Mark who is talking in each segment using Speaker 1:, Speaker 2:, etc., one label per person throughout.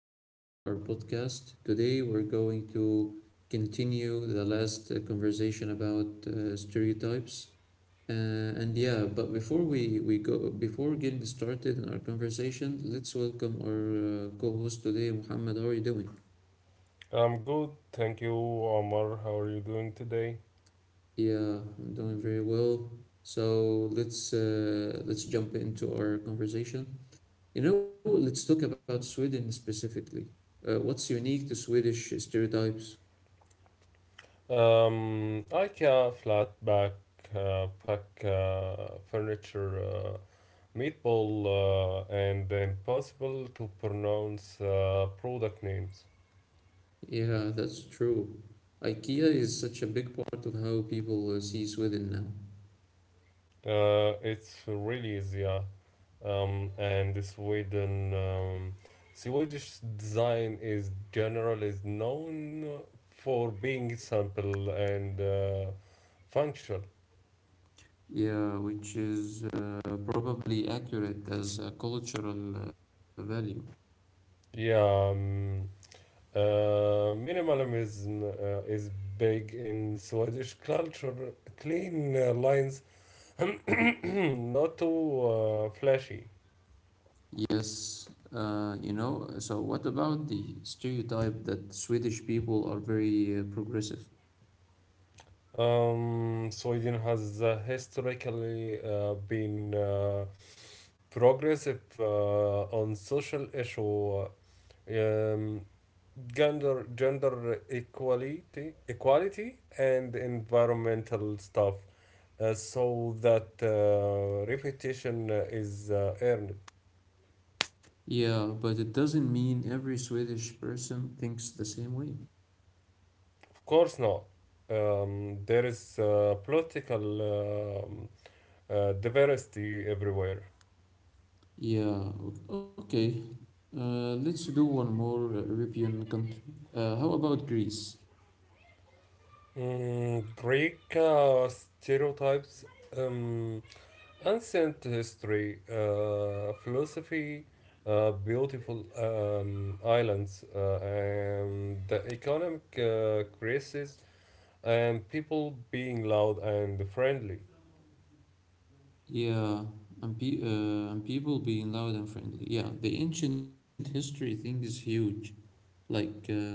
Speaker 1: episode of our podcast. Today, we're going to continue the last conversation about stereotypes. And yeah, but before we go, before getting started in our conversation, let's welcome our co host today, Muhammad. How are you doing?
Speaker 2: I'm good, thank you, Omar. How are you doing today?
Speaker 1: Yeah, I'm doing very well. So let's jump into our conversation. You know, let's talk about Sweden specifically. What's unique to Swedish stereotypes?
Speaker 2: IKEA flat back pack furniture meatball, and impossible to pronounce product names.
Speaker 1: Yeah, that's true. IKEA is such a big part of how people see Sweden now.
Speaker 2: It's really easy, yeah. And the Sweden Swedish design is general is known for being simple and functional.
Speaker 1: Yeah, which is probably accurate as a cultural value.
Speaker 2: Yeah. Um, Minimalism is big in Swedish culture. Clean lines, not too flashy.
Speaker 1: Yes, you know, so what about the stereotype that Swedish people are very progressive?
Speaker 2: Sweden has historically been progressive on social issue, uh, um, gender equality, equality and environmental stuff, so that reputation is earned.
Speaker 1: Yeah, but it doesn't mean every Swedish person thinks the same way.
Speaker 2: Of course, no. There is political diversity everywhere.
Speaker 1: Yeah, okay. Let's do one more European country. How about Greece?
Speaker 2: Mm, Greek stereotypes, um, ancient history, philosophy, beautiful islands, and the economic crisis, and people being loud and friendly.
Speaker 1: Yeah, and people being loud and friendly. Yeah, the ancient history thing is huge. Like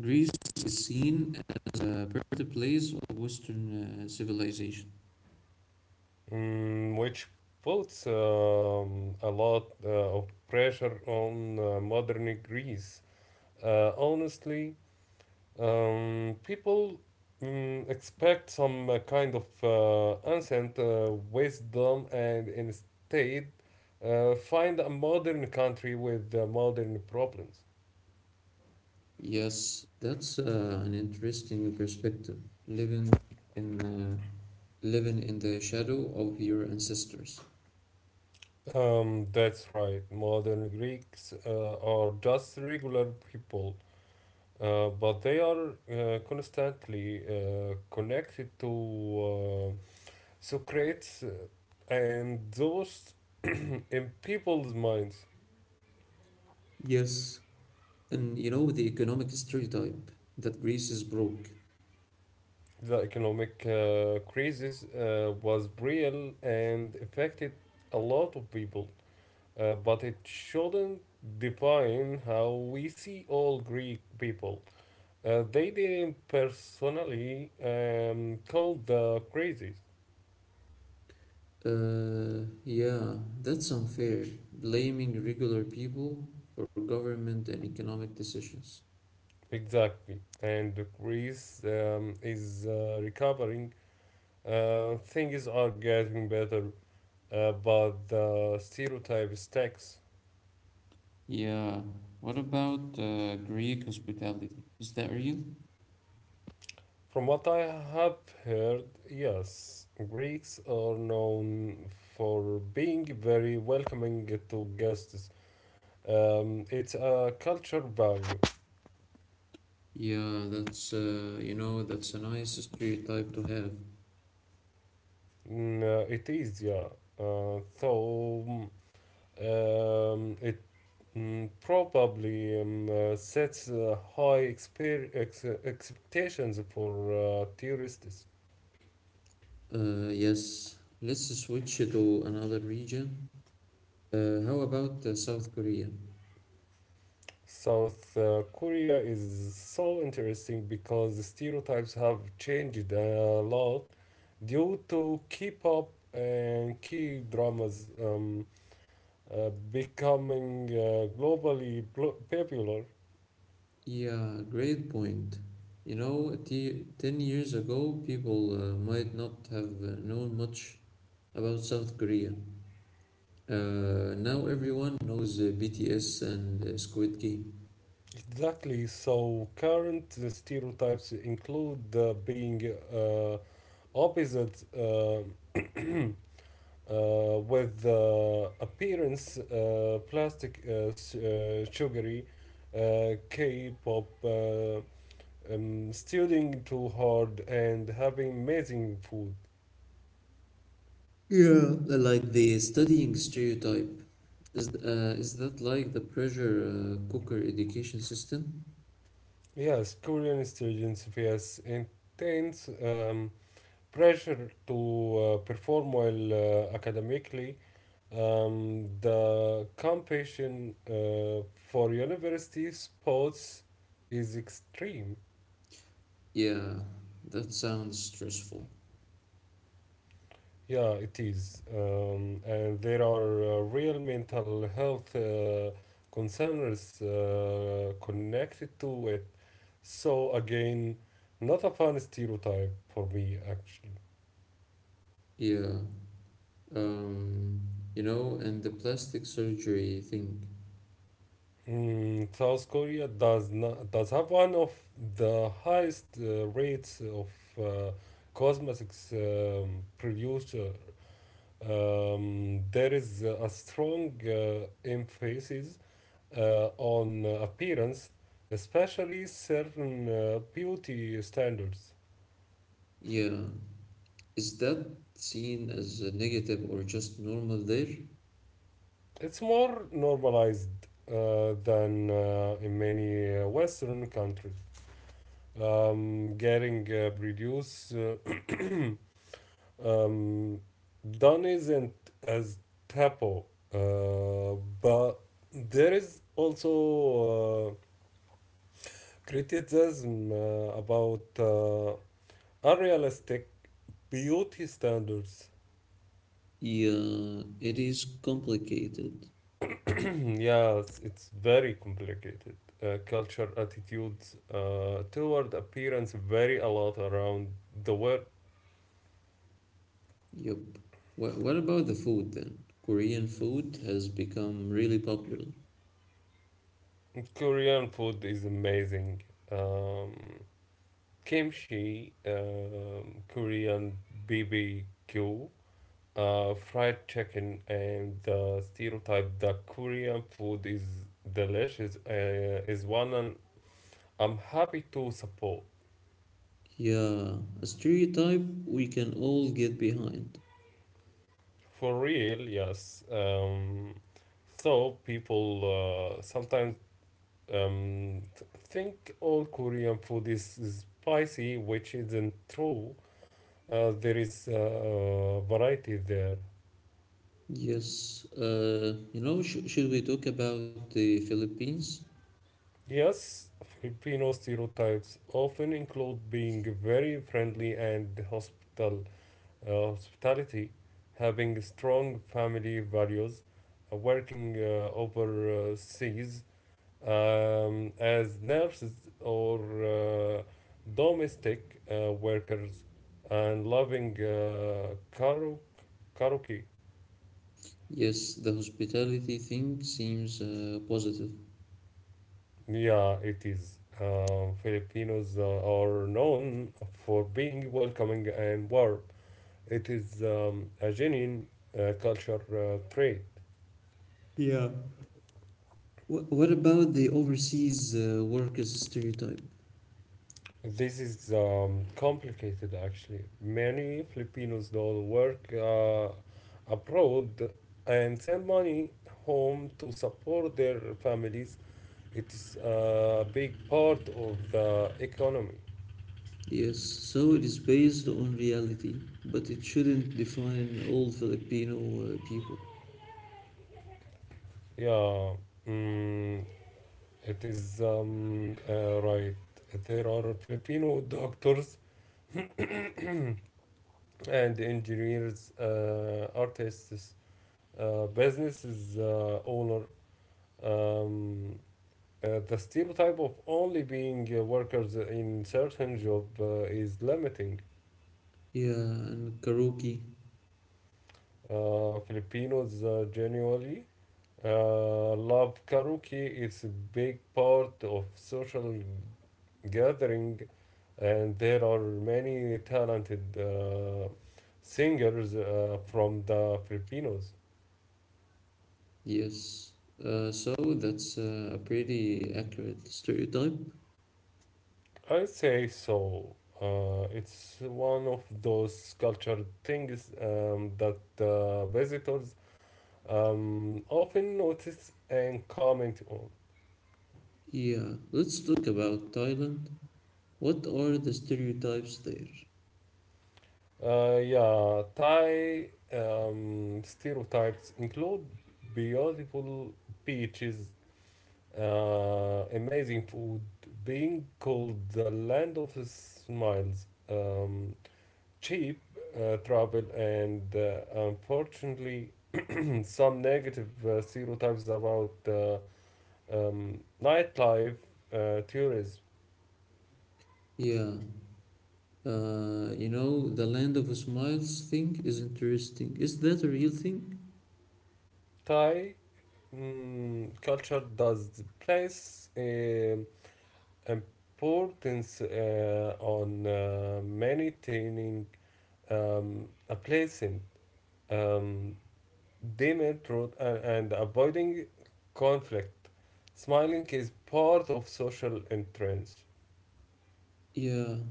Speaker 1: Greece is seen as a birthplace of Western civilization.
Speaker 2: Mm, which puts a lot of pressure on modern Greece. Honestly, people expect some kind of ancient wisdom and instead find a modern country with modern problems.
Speaker 1: Yes, that's an interesting perspective. Living in uh, Living in the shadow of your ancestors.
Speaker 2: That's right. Modern Greeks are just regular people. But they are constantly connected to uh, Socrates and those in people's minds.
Speaker 1: Yes, and you know the economic stereotype that Greece is broke.
Speaker 2: The economic crisis was real and affected a lot of people, but it shouldn't define how we see all Greek people. They didn't personally call the crisis.
Speaker 1: Yeah, that's unfair, blaming regular people for government and economic decisions.
Speaker 2: Exactly, and Greece is recovering. Things are getting better, but the stereotype sticks.
Speaker 1: Yeah, what about Greek hospitality? Is that real?
Speaker 2: From what I have heard, yes, Greeks are known for being very welcoming to guests. It's a culture value.
Speaker 1: Yeah, that's you know, that's a nice stereotype to have.
Speaker 2: Mm, it is, yeah. Uh, so um, it Probably sets high expectations for tourists.
Speaker 1: Yes, let's switch to another region. How about South Korea?
Speaker 2: South Korea is so interesting because the stereotypes have changed a lot due to K-pop and K-dramas becoming globally popular.
Speaker 1: Yeah, great point. You know, 10 years ago, people might not have known much about South Korea. Now everyone knows BTS and Squid Game.
Speaker 2: Exactly, so current stereotypes include being opposite with the appearance, plastic sugary k-pop, studying too hard and having amazing food.
Speaker 1: Yeah. Like the studying stereotype. Is that like the pressure cooker education system?
Speaker 2: Yes, Korean students face intense pressure to perform well academically. The competition for university sports is extreme.
Speaker 1: Yeah, that sounds stressful.
Speaker 2: Yeah, it is. And there are real mental health concerns connected to it. So, again, not a fun stereotype for me, actually.
Speaker 1: Yeah. Um, you know, and the plastic surgery thing.
Speaker 2: South Korea does not does have one of the highest rates of uh, cosmetics producer. There is a strong emphasis on appearance, especially certain beauty standards.
Speaker 1: Yeah. Is that seen as a negative or just normal there?
Speaker 2: It's more normalized than in many Western countries. Getting produce um, done isn't as taboo, uh, but there is also criticism about unrealistic beauty standards.
Speaker 1: Yeah, it is complicated.
Speaker 2: Yes, it's very complicated. Culture attitudes toward appearance vary a lot around the world.
Speaker 1: Yup. What about the food then? Korean food has become really popular.
Speaker 2: Korean food is amazing. Um, kimchi, Korean BBQ, fried chicken, and the stereotype that Korean food is delicious is one and I'm happy to support.
Speaker 1: Yeah, a stereotype we can all get behind.
Speaker 2: For real, yes. So people sometimes think all Korean food is spicy, which isn't true. There is variety there.
Speaker 1: Yes, you know, should we talk about the Philippines?
Speaker 2: Yes, Filipino stereotypes often include being very friendly and hospitality, having strong family values, working overseas as nurses or uh, domestic workers and loving karaoke. Karaoke.
Speaker 1: Yes, the hospitality thing seems positive.
Speaker 2: Yeah, it is. Filipinos are known for being welcoming and warm. It is a genuine culture trait.
Speaker 1: Yeah. What about the overseas workers stereotype?
Speaker 2: This is complicated actually. Many Filipinos don't work abroad and send money home to support their families. It is a big part of the economy.
Speaker 1: Yes, so it is based on reality, but it shouldn't define all Filipino people.
Speaker 2: Yeah, mm, it is right. There are Filipino doctors and engineers, artists, businesses owner. Um, the stereotype of only being workers in certain job is limiting.
Speaker 1: Yeah, and karaoke.
Speaker 2: Filipinos genuinely love karaoke. It's a big part of social gathering, and there are many talented singers from the Filipinos.
Speaker 1: Yes. So that's a pretty accurate stereotype.
Speaker 2: I say so. It's one of those cultural things that visitors often noticed and comment on.
Speaker 1: Yeah, let's talk about Thailand. What are the stereotypes there?
Speaker 2: Yeah, Thai stereotypes include beautiful beaches, amazing food, being called the land of smiles, um, cheap travel, and unfortunately, some negative stereotypes about nightlife tourism.
Speaker 1: Yeah, you know, the land of smiles thing is interesting. Is that a real thing?
Speaker 2: Thai culture does place importance on maintaining a pleasant um, dimmer truth and, avoiding conflict. Smiling is part of social entrance,
Speaker 1: Yeah,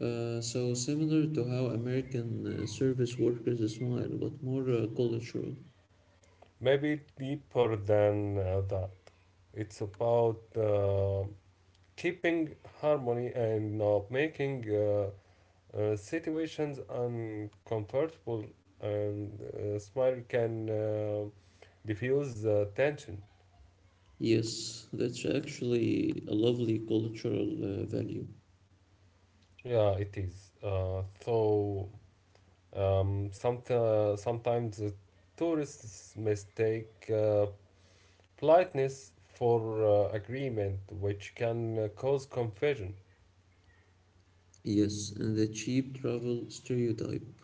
Speaker 1: so similar to how American service workers smile, but more cultural.
Speaker 2: maybe deeper than that. It's about keeping harmony and not making situations uncomfortable, and smile can diffuse the tension.
Speaker 1: Yes, that's actually a lovely cultural value.
Speaker 2: Yeah, it is. So sometimes the tourists mistake politeness for agreement, which can cause confusion.
Speaker 1: Yes, and the cheap travel stereotype.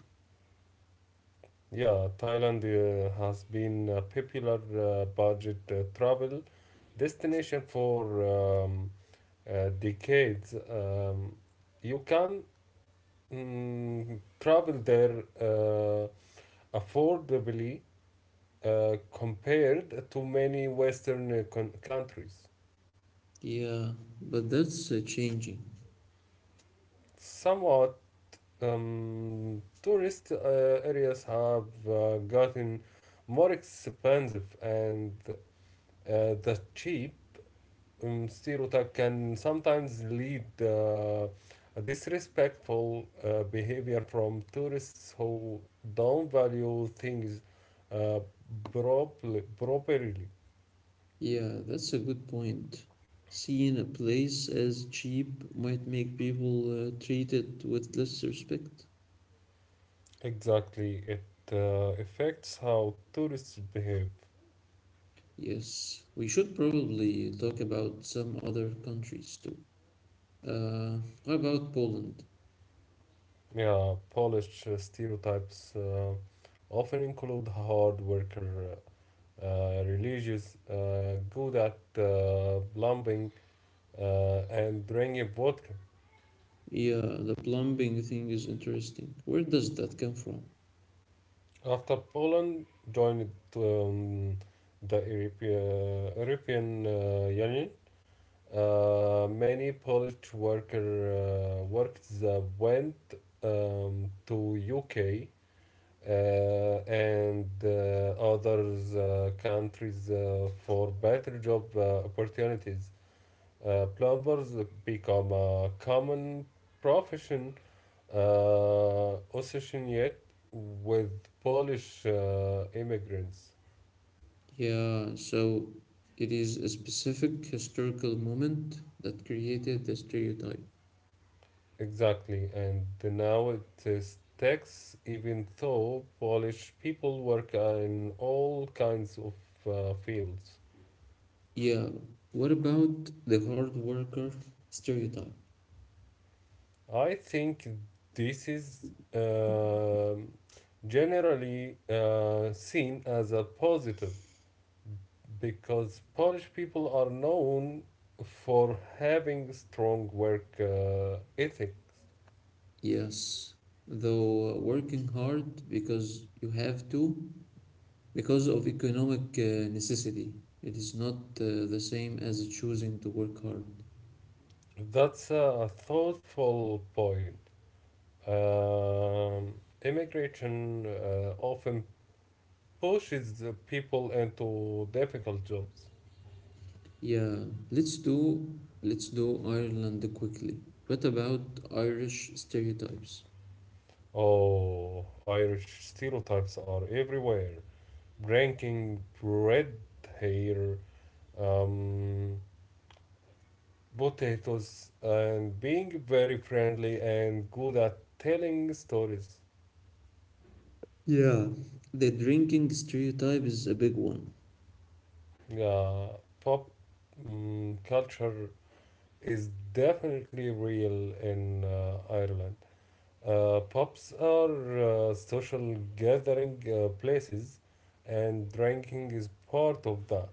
Speaker 2: Yeah, Thailand has been a popular budget travel destination for decades, you can travel there affordably compared to many Western countries.
Speaker 1: Yeah, but that's changing.
Speaker 2: Somewhat tourist areas have gotten more expensive, and the cheap stereotype can sometimes lead disrespectful behavior from tourists who don't value things uh, properly.
Speaker 1: Yeah, that's a good point. Seeing a place as cheap might make people treat it with less respect.
Speaker 2: Exactly, it affects how tourists behave.
Speaker 1: Yes, we should probably talk about some other countries too. Uh, how about Poland.
Speaker 2: Yeah, Polish stereotypes often include hard worker, religious, good at plumbing, and drinking vodka.
Speaker 1: Yeah, the plumbing thing is interesting. Where does that come from?
Speaker 2: After Poland joined um, the European Union, many Polish workers went to UK, uh, and others countries for better job opportunities. Plumbers become a common profession Ossetian yet with Polish immigrants.
Speaker 1: Yeah, so it is a specific historical moment that created the stereotype.
Speaker 2: Exactly, and now it is tax, even though Polish people work in all kinds of fields.
Speaker 1: Yeah, what about the hard worker stereotype?
Speaker 2: I think this is generally seen as a positive because Polish people are known for having strong work ethics.
Speaker 1: Yes, though working hard because you have to, because of economic necessity. It is not the same as choosing to work hard.
Speaker 2: That's a thoughtful point. Um, Immigration often pushes the people into difficult jobs.
Speaker 1: Yeah, let's do Ireland quickly. What about Irish stereotypes?
Speaker 2: Oh, Irish stereotypes are everywhere. Ranking bread here, um, potatoes, and being very friendly and good at telling stories.
Speaker 1: Yeah, the drinking stereotype is a big one.
Speaker 2: Yeah, pop culture is definitely real in Ireland. Pubs are social gathering places, and drinking is part of that.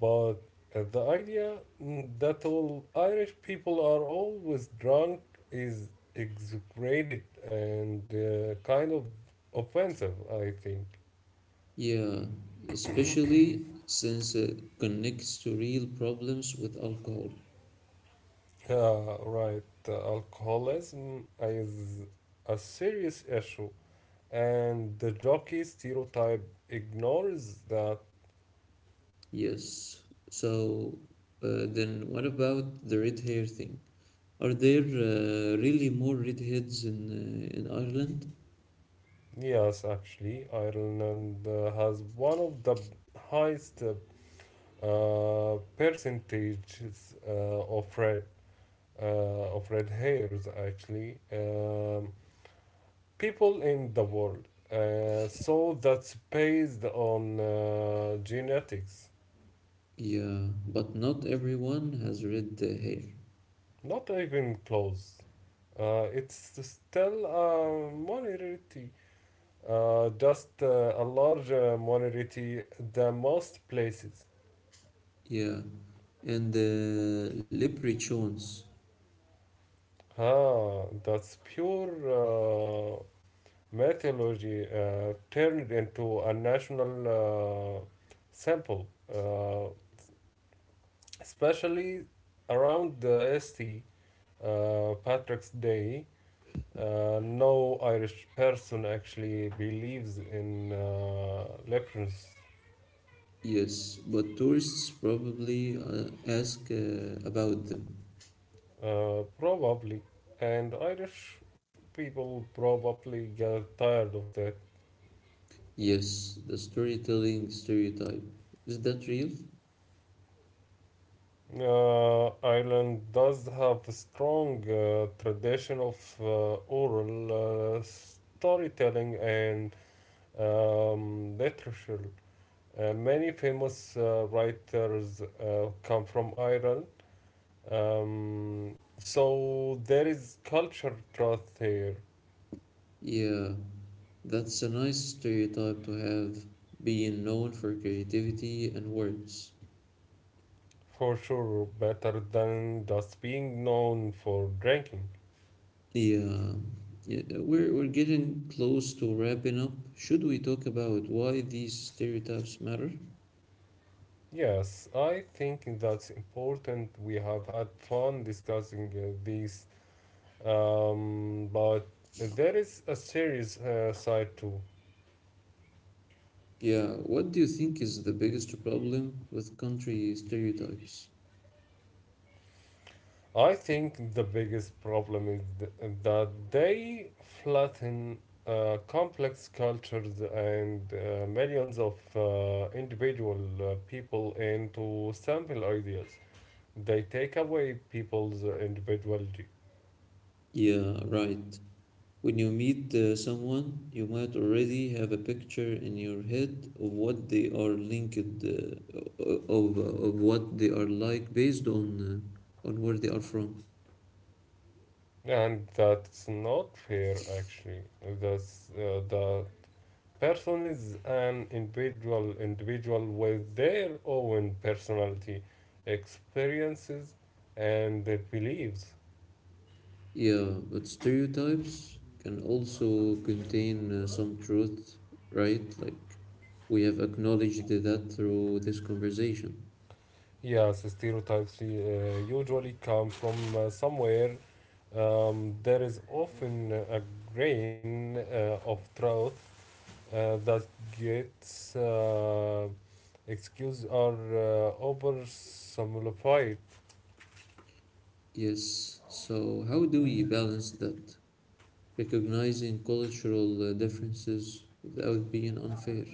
Speaker 2: But the idea, that all Irish people are always drunk is exaggerated and kind of offensive, I think.
Speaker 1: Yeah, especially since it connects to real problems with alcohol.
Speaker 2: Right, alcoholism is a serious issue, and the jockey stereotype ignores that.
Speaker 1: Yes. So then what about the red hair thing? Are there really more redheads in Ireland?
Speaker 2: Yes, actually, Ireland has one of the highest percentages of red hairs actually, people in the world. So that's based on genetics,
Speaker 1: Yeah, but not everyone has red hair.
Speaker 2: not even close. It's still a minority. Just a large minority, the most places.
Speaker 1: Yeah, and the leprechauns.
Speaker 2: Ah, that's pure metallurgy turned into a national sample, uh, especially around the ST, Patrick's Day. No Irish person actually believes in leprechauns.
Speaker 1: Yes, but tourists probably ask about them.
Speaker 2: Probably. And Irish people probably get tired of that.
Speaker 1: Yes, the storytelling stereotype. Is that real?
Speaker 2: Ireland does have a strong tradition of oral storytelling and literature. Many famous writers come from Ireland. So there is culture trust here,
Speaker 1: Yeah, that's a nice stereotype to have, being known for creativity and words.
Speaker 2: for sure better than just being known for drinking.
Speaker 1: Yeah, we're getting close to wrapping up. Should we talk about why these stereotypes matter?
Speaker 2: Yes, I think that's important. We have had fun discussing these, but there is a serious side too.
Speaker 1: Yeah, what do you think is the biggest problem with country stereotypes?
Speaker 2: I think the biggest problem is that they flatten complex cultures and millions of individual people into simple ideas. They take away people's individuality.
Speaker 1: Yeah, right. When you meet someone, you might already have a picture in your head of what they are linked, o- of what they are like based on where they are from.
Speaker 2: And that's not fair, actually. The person is an individual with their own personality, experiences, and beliefs.
Speaker 1: Yeah, but stereotypes can also contain some truth, right? Like we have acknowledged that through this conversation.
Speaker 2: Yes, stereotypes usually come from somewhere. There is often a grain of truth that gets excused or oversimplified.
Speaker 1: Yes. So, how do we balance that? Recognizing cultural differences without being unfair.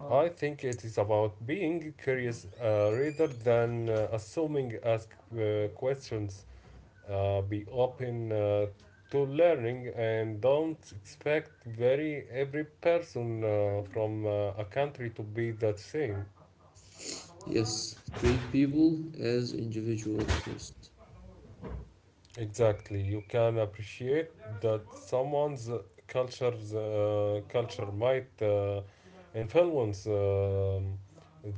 Speaker 2: I think it is about being curious rather than assuming. Ask questions, be open to learning, and don't expect very every person from a country to be that same.
Speaker 1: Yes. Treat people as individuals first.
Speaker 2: Exactly, you can appreciate that someone's culture's culture might influence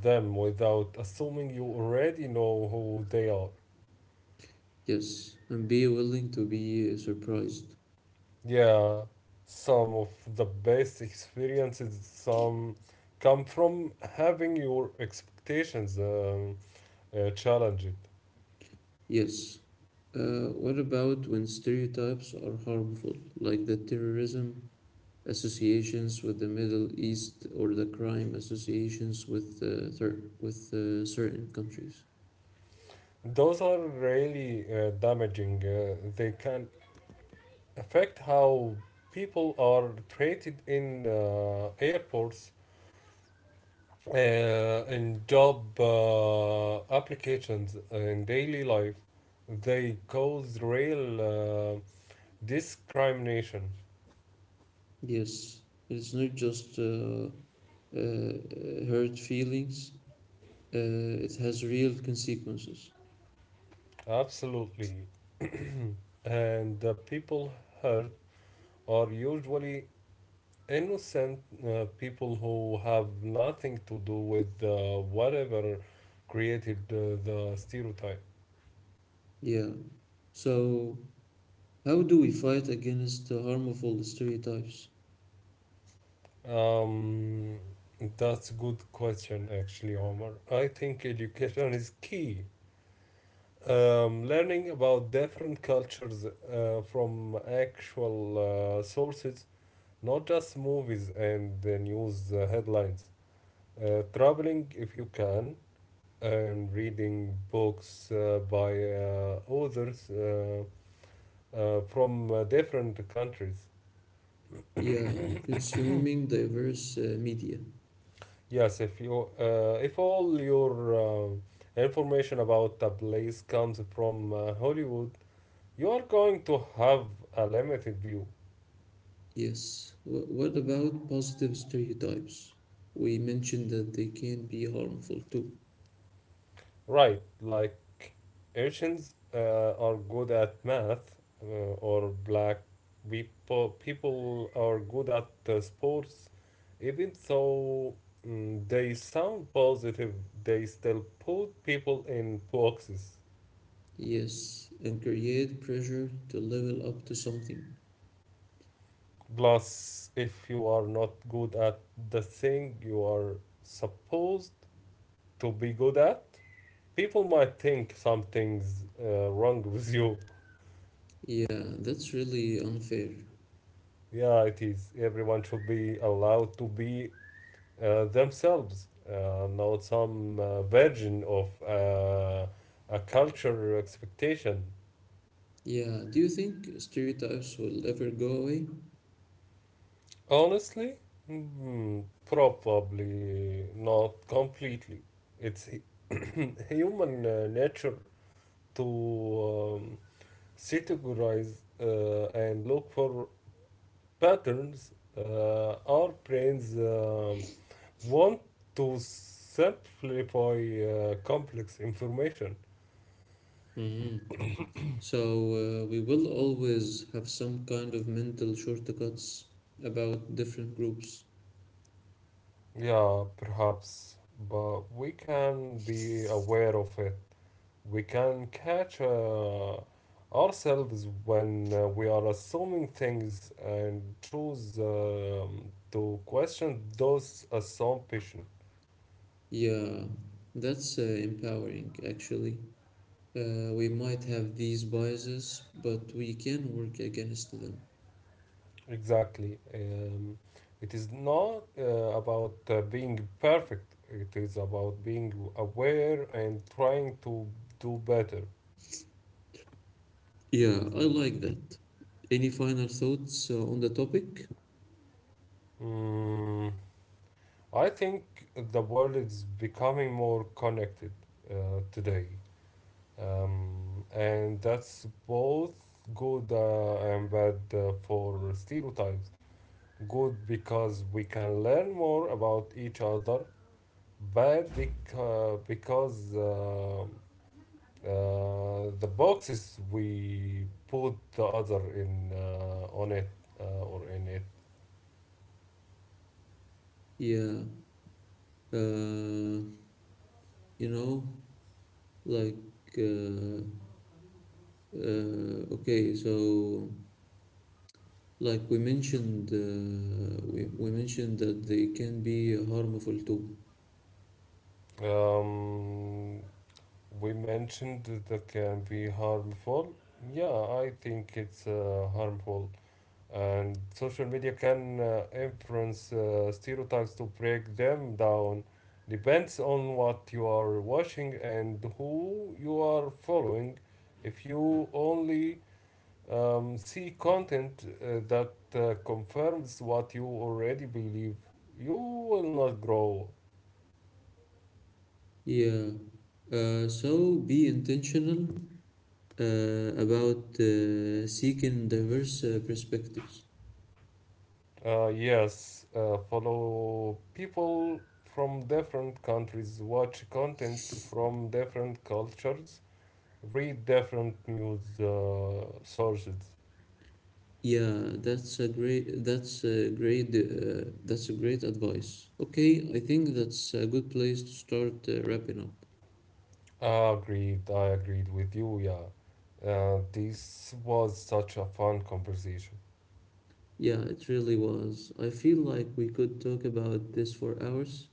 Speaker 2: them without assuming you already know who they are.
Speaker 1: Yes. And be willing to be surprised.
Speaker 2: Yeah, some of the best experiences some come from having your expectations challenged.
Speaker 1: Yes. What about when stereotypes are harmful, like the terrorism associations with the Middle East or the crime associations with certain countries?
Speaker 2: Those are really damaging. They can affect how people are treated in airports, uh, in job applications, in daily life. They cause real discrimination.
Speaker 1: Yes, it's not just hurt feelings, uh, it has real consequences.
Speaker 2: Absolutely. And the people hurt are usually innocent people who have nothing to do with whatever created the stereotype.
Speaker 1: Yeah. So, how do we fight against the harmful stereotypes?
Speaker 2: Um, that's a good question, actually, Omar. I think education is key. Learning about different cultures from actual sources, not just movies and the news headlines. Traveling if you can, and reading books by authors from different countries.
Speaker 1: Yeah, consuming diverse media.
Speaker 2: Yes, if all your information about a place comes from Hollywood, you are going to have a limited view,
Speaker 1: Yes. What about positive stereotypes? We mentioned that they can be harmful too.
Speaker 2: right? Like Asians are good at math, or black people are good at sports. Even though they sound positive, they still put people in boxes.
Speaker 1: Yes, and create pressure to level up to something.
Speaker 2: Plus, if you are not good at the thing you are supposed to be good at, people might think something's wrong with you.
Speaker 1: Yeah, that's really unfair.
Speaker 2: Yeah, it is. Everyone should be allowed to be themselves, not some version of a cultural expectation.
Speaker 1: Yeah, do you think stereotypes will ever go away?
Speaker 2: Honestly, probably not completely. It's human nature to categorize and look for patterns. Our brains want to simplify complex information.
Speaker 1: Hmm. So, we will always have some kind of mental shortcuts about different groups.
Speaker 2: Yeah, perhaps, but we can be aware of it. We can catch ourselves when we are assuming things and choose to question those assumptions.
Speaker 1: Yeah, that's empowering, actually. We might have these biases, but we can work against them.
Speaker 2: Exactly. It is not about being perfect, it is about being aware and trying to do better.
Speaker 1: Yeah, I like that. Any final thoughts on the topic?
Speaker 2: Mm. I think the world is becoming more connected today, and that's both good and bad for stereotypes. Good because we can learn more about each other, bad because the boxes we put the other in on it or in it.
Speaker 1: Yeah, uh, you know, like, uh, uh, okay, so. Like we mentioned, we mentioned that they can be harmful too.
Speaker 2: Um, we mentioned that can be harmful. Yeah, I think it's harmful. And social media can influence stereotypes to break them down. Depends on what you are watching and who you are following. If you only see content that confirms what you already believe, you will not grow.
Speaker 1: Yeah. So be intentional about seeking diverse perspectives.
Speaker 2: Yes, follow people from different countries, watch content from different cultures, read different news sources.
Speaker 1: Yeah, that's a great advice. Okay, I think that's a good place to start wrapping up.
Speaker 2: Agreed, I agreed with you, yeah. This was such a fun conversation.
Speaker 1: Yeah, it really was. I feel like we could talk about this for hours.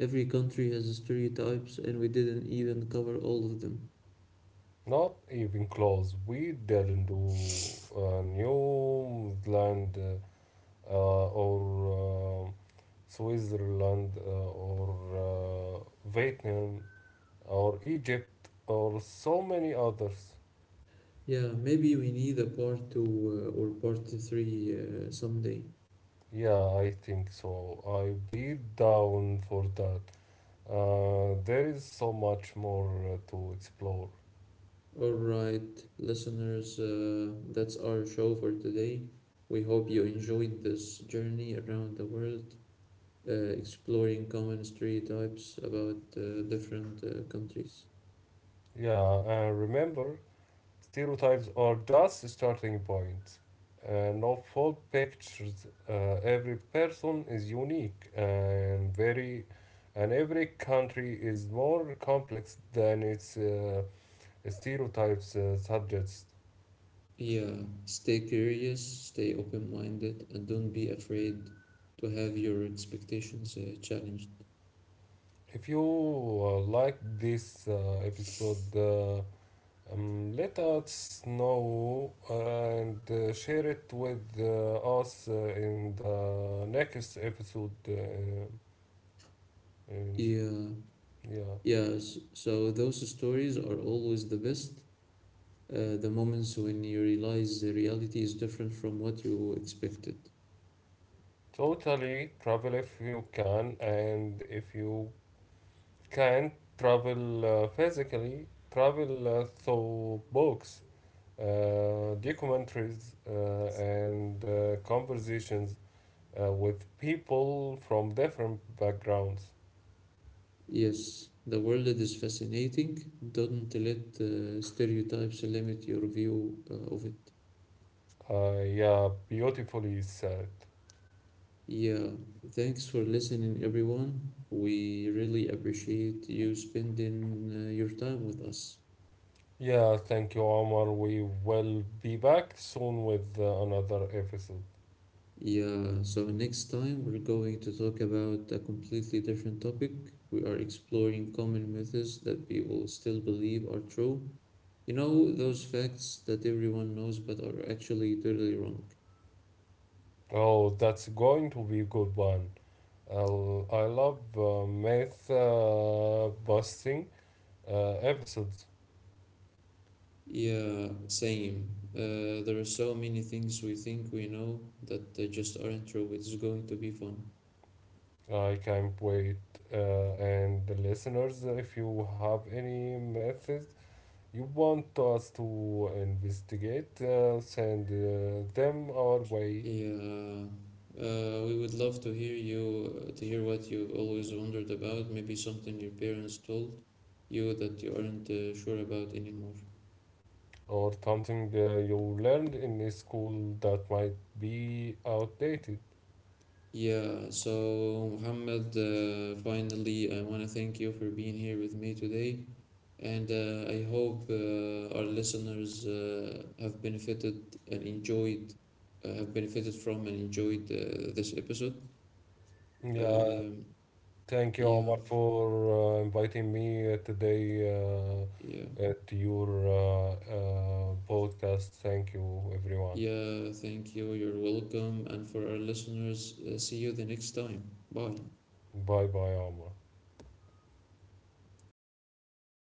Speaker 1: Every country has stereotypes, and we didn't even cover all of them.
Speaker 2: Not even close. We didn't do New Zealand or Switzerland or Vietnam or Egypt or so many others.
Speaker 1: Yeah, maybe we need a part two or part three someday.
Speaker 2: Yeah, I think so. I'd be down for that. There is so much more to explore.
Speaker 1: All right, listeners, that's our show for today. We hope you enjoyed this journey around the world, uh, exploring common stereotypes about different countries.
Speaker 2: Yeah, and remember, stereotypes are just starting points. No full pictures. Every person is unique and every country is more complex than its stereotypes subjects.
Speaker 1: Yeah, stay curious, stay open minded, and don't be afraid to have your expectations challenged.
Speaker 2: If you like this episode, let us know and share it with us in the next episode. And sh-
Speaker 1: Yeah,
Speaker 2: yeah,
Speaker 1: So those stories are always the best. The moments when you realize the reality is different from what you expected.
Speaker 2: totally travel if you can, and if you can't travel physically, travel through books, documentaries, and conversations with people from different backgrounds.
Speaker 1: Yes, the world is fascinating. Don't let stereotypes limit your view of it.
Speaker 2: Yeah, beautifully said.
Speaker 1: Yeah, thanks for listening, everyone. We really appreciate you spending your time with us.
Speaker 2: Yeah, thank you, Omar. We will be back soon with another episode.
Speaker 1: Yeah, so next time we're going to talk about a completely different topic. We are exploring common myths that people still believe are true. You know, those facts that everyone knows but are actually totally wrong.
Speaker 2: Oh, that's going to be a good one. I love myth busting episodes.
Speaker 1: Yeah, same. There are so many things we think we know that they just aren't true. It's going to be fun.
Speaker 2: I can't wait. And the listeners, if you have any methods you want us to investigate, send them our way,
Speaker 1: Yeah, we would love to hear what you've always wondered about, maybe something your parents told you that you aren't sure about anymore.
Speaker 2: or something you learned in school that might be outdated.
Speaker 1: Yeah, so Muhammad, finally, I want to thank you for being here with me today. And I hope our listeners have benefited from and enjoyed this episode.
Speaker 2: Yeah,
Speaker 1: Um,
Speaker 2: thank you,
Speaker 1: yeah,
Speaker 2: Omar, for inviting me today
Speaker 1: yeah,
Speaker 2: your podcast. Thank you, everyone.
Speaker 1: yeah, thank you. You're welcome. And for our listeners, see you the next time. Bye.
Speaker 2: Bye bye, Omar.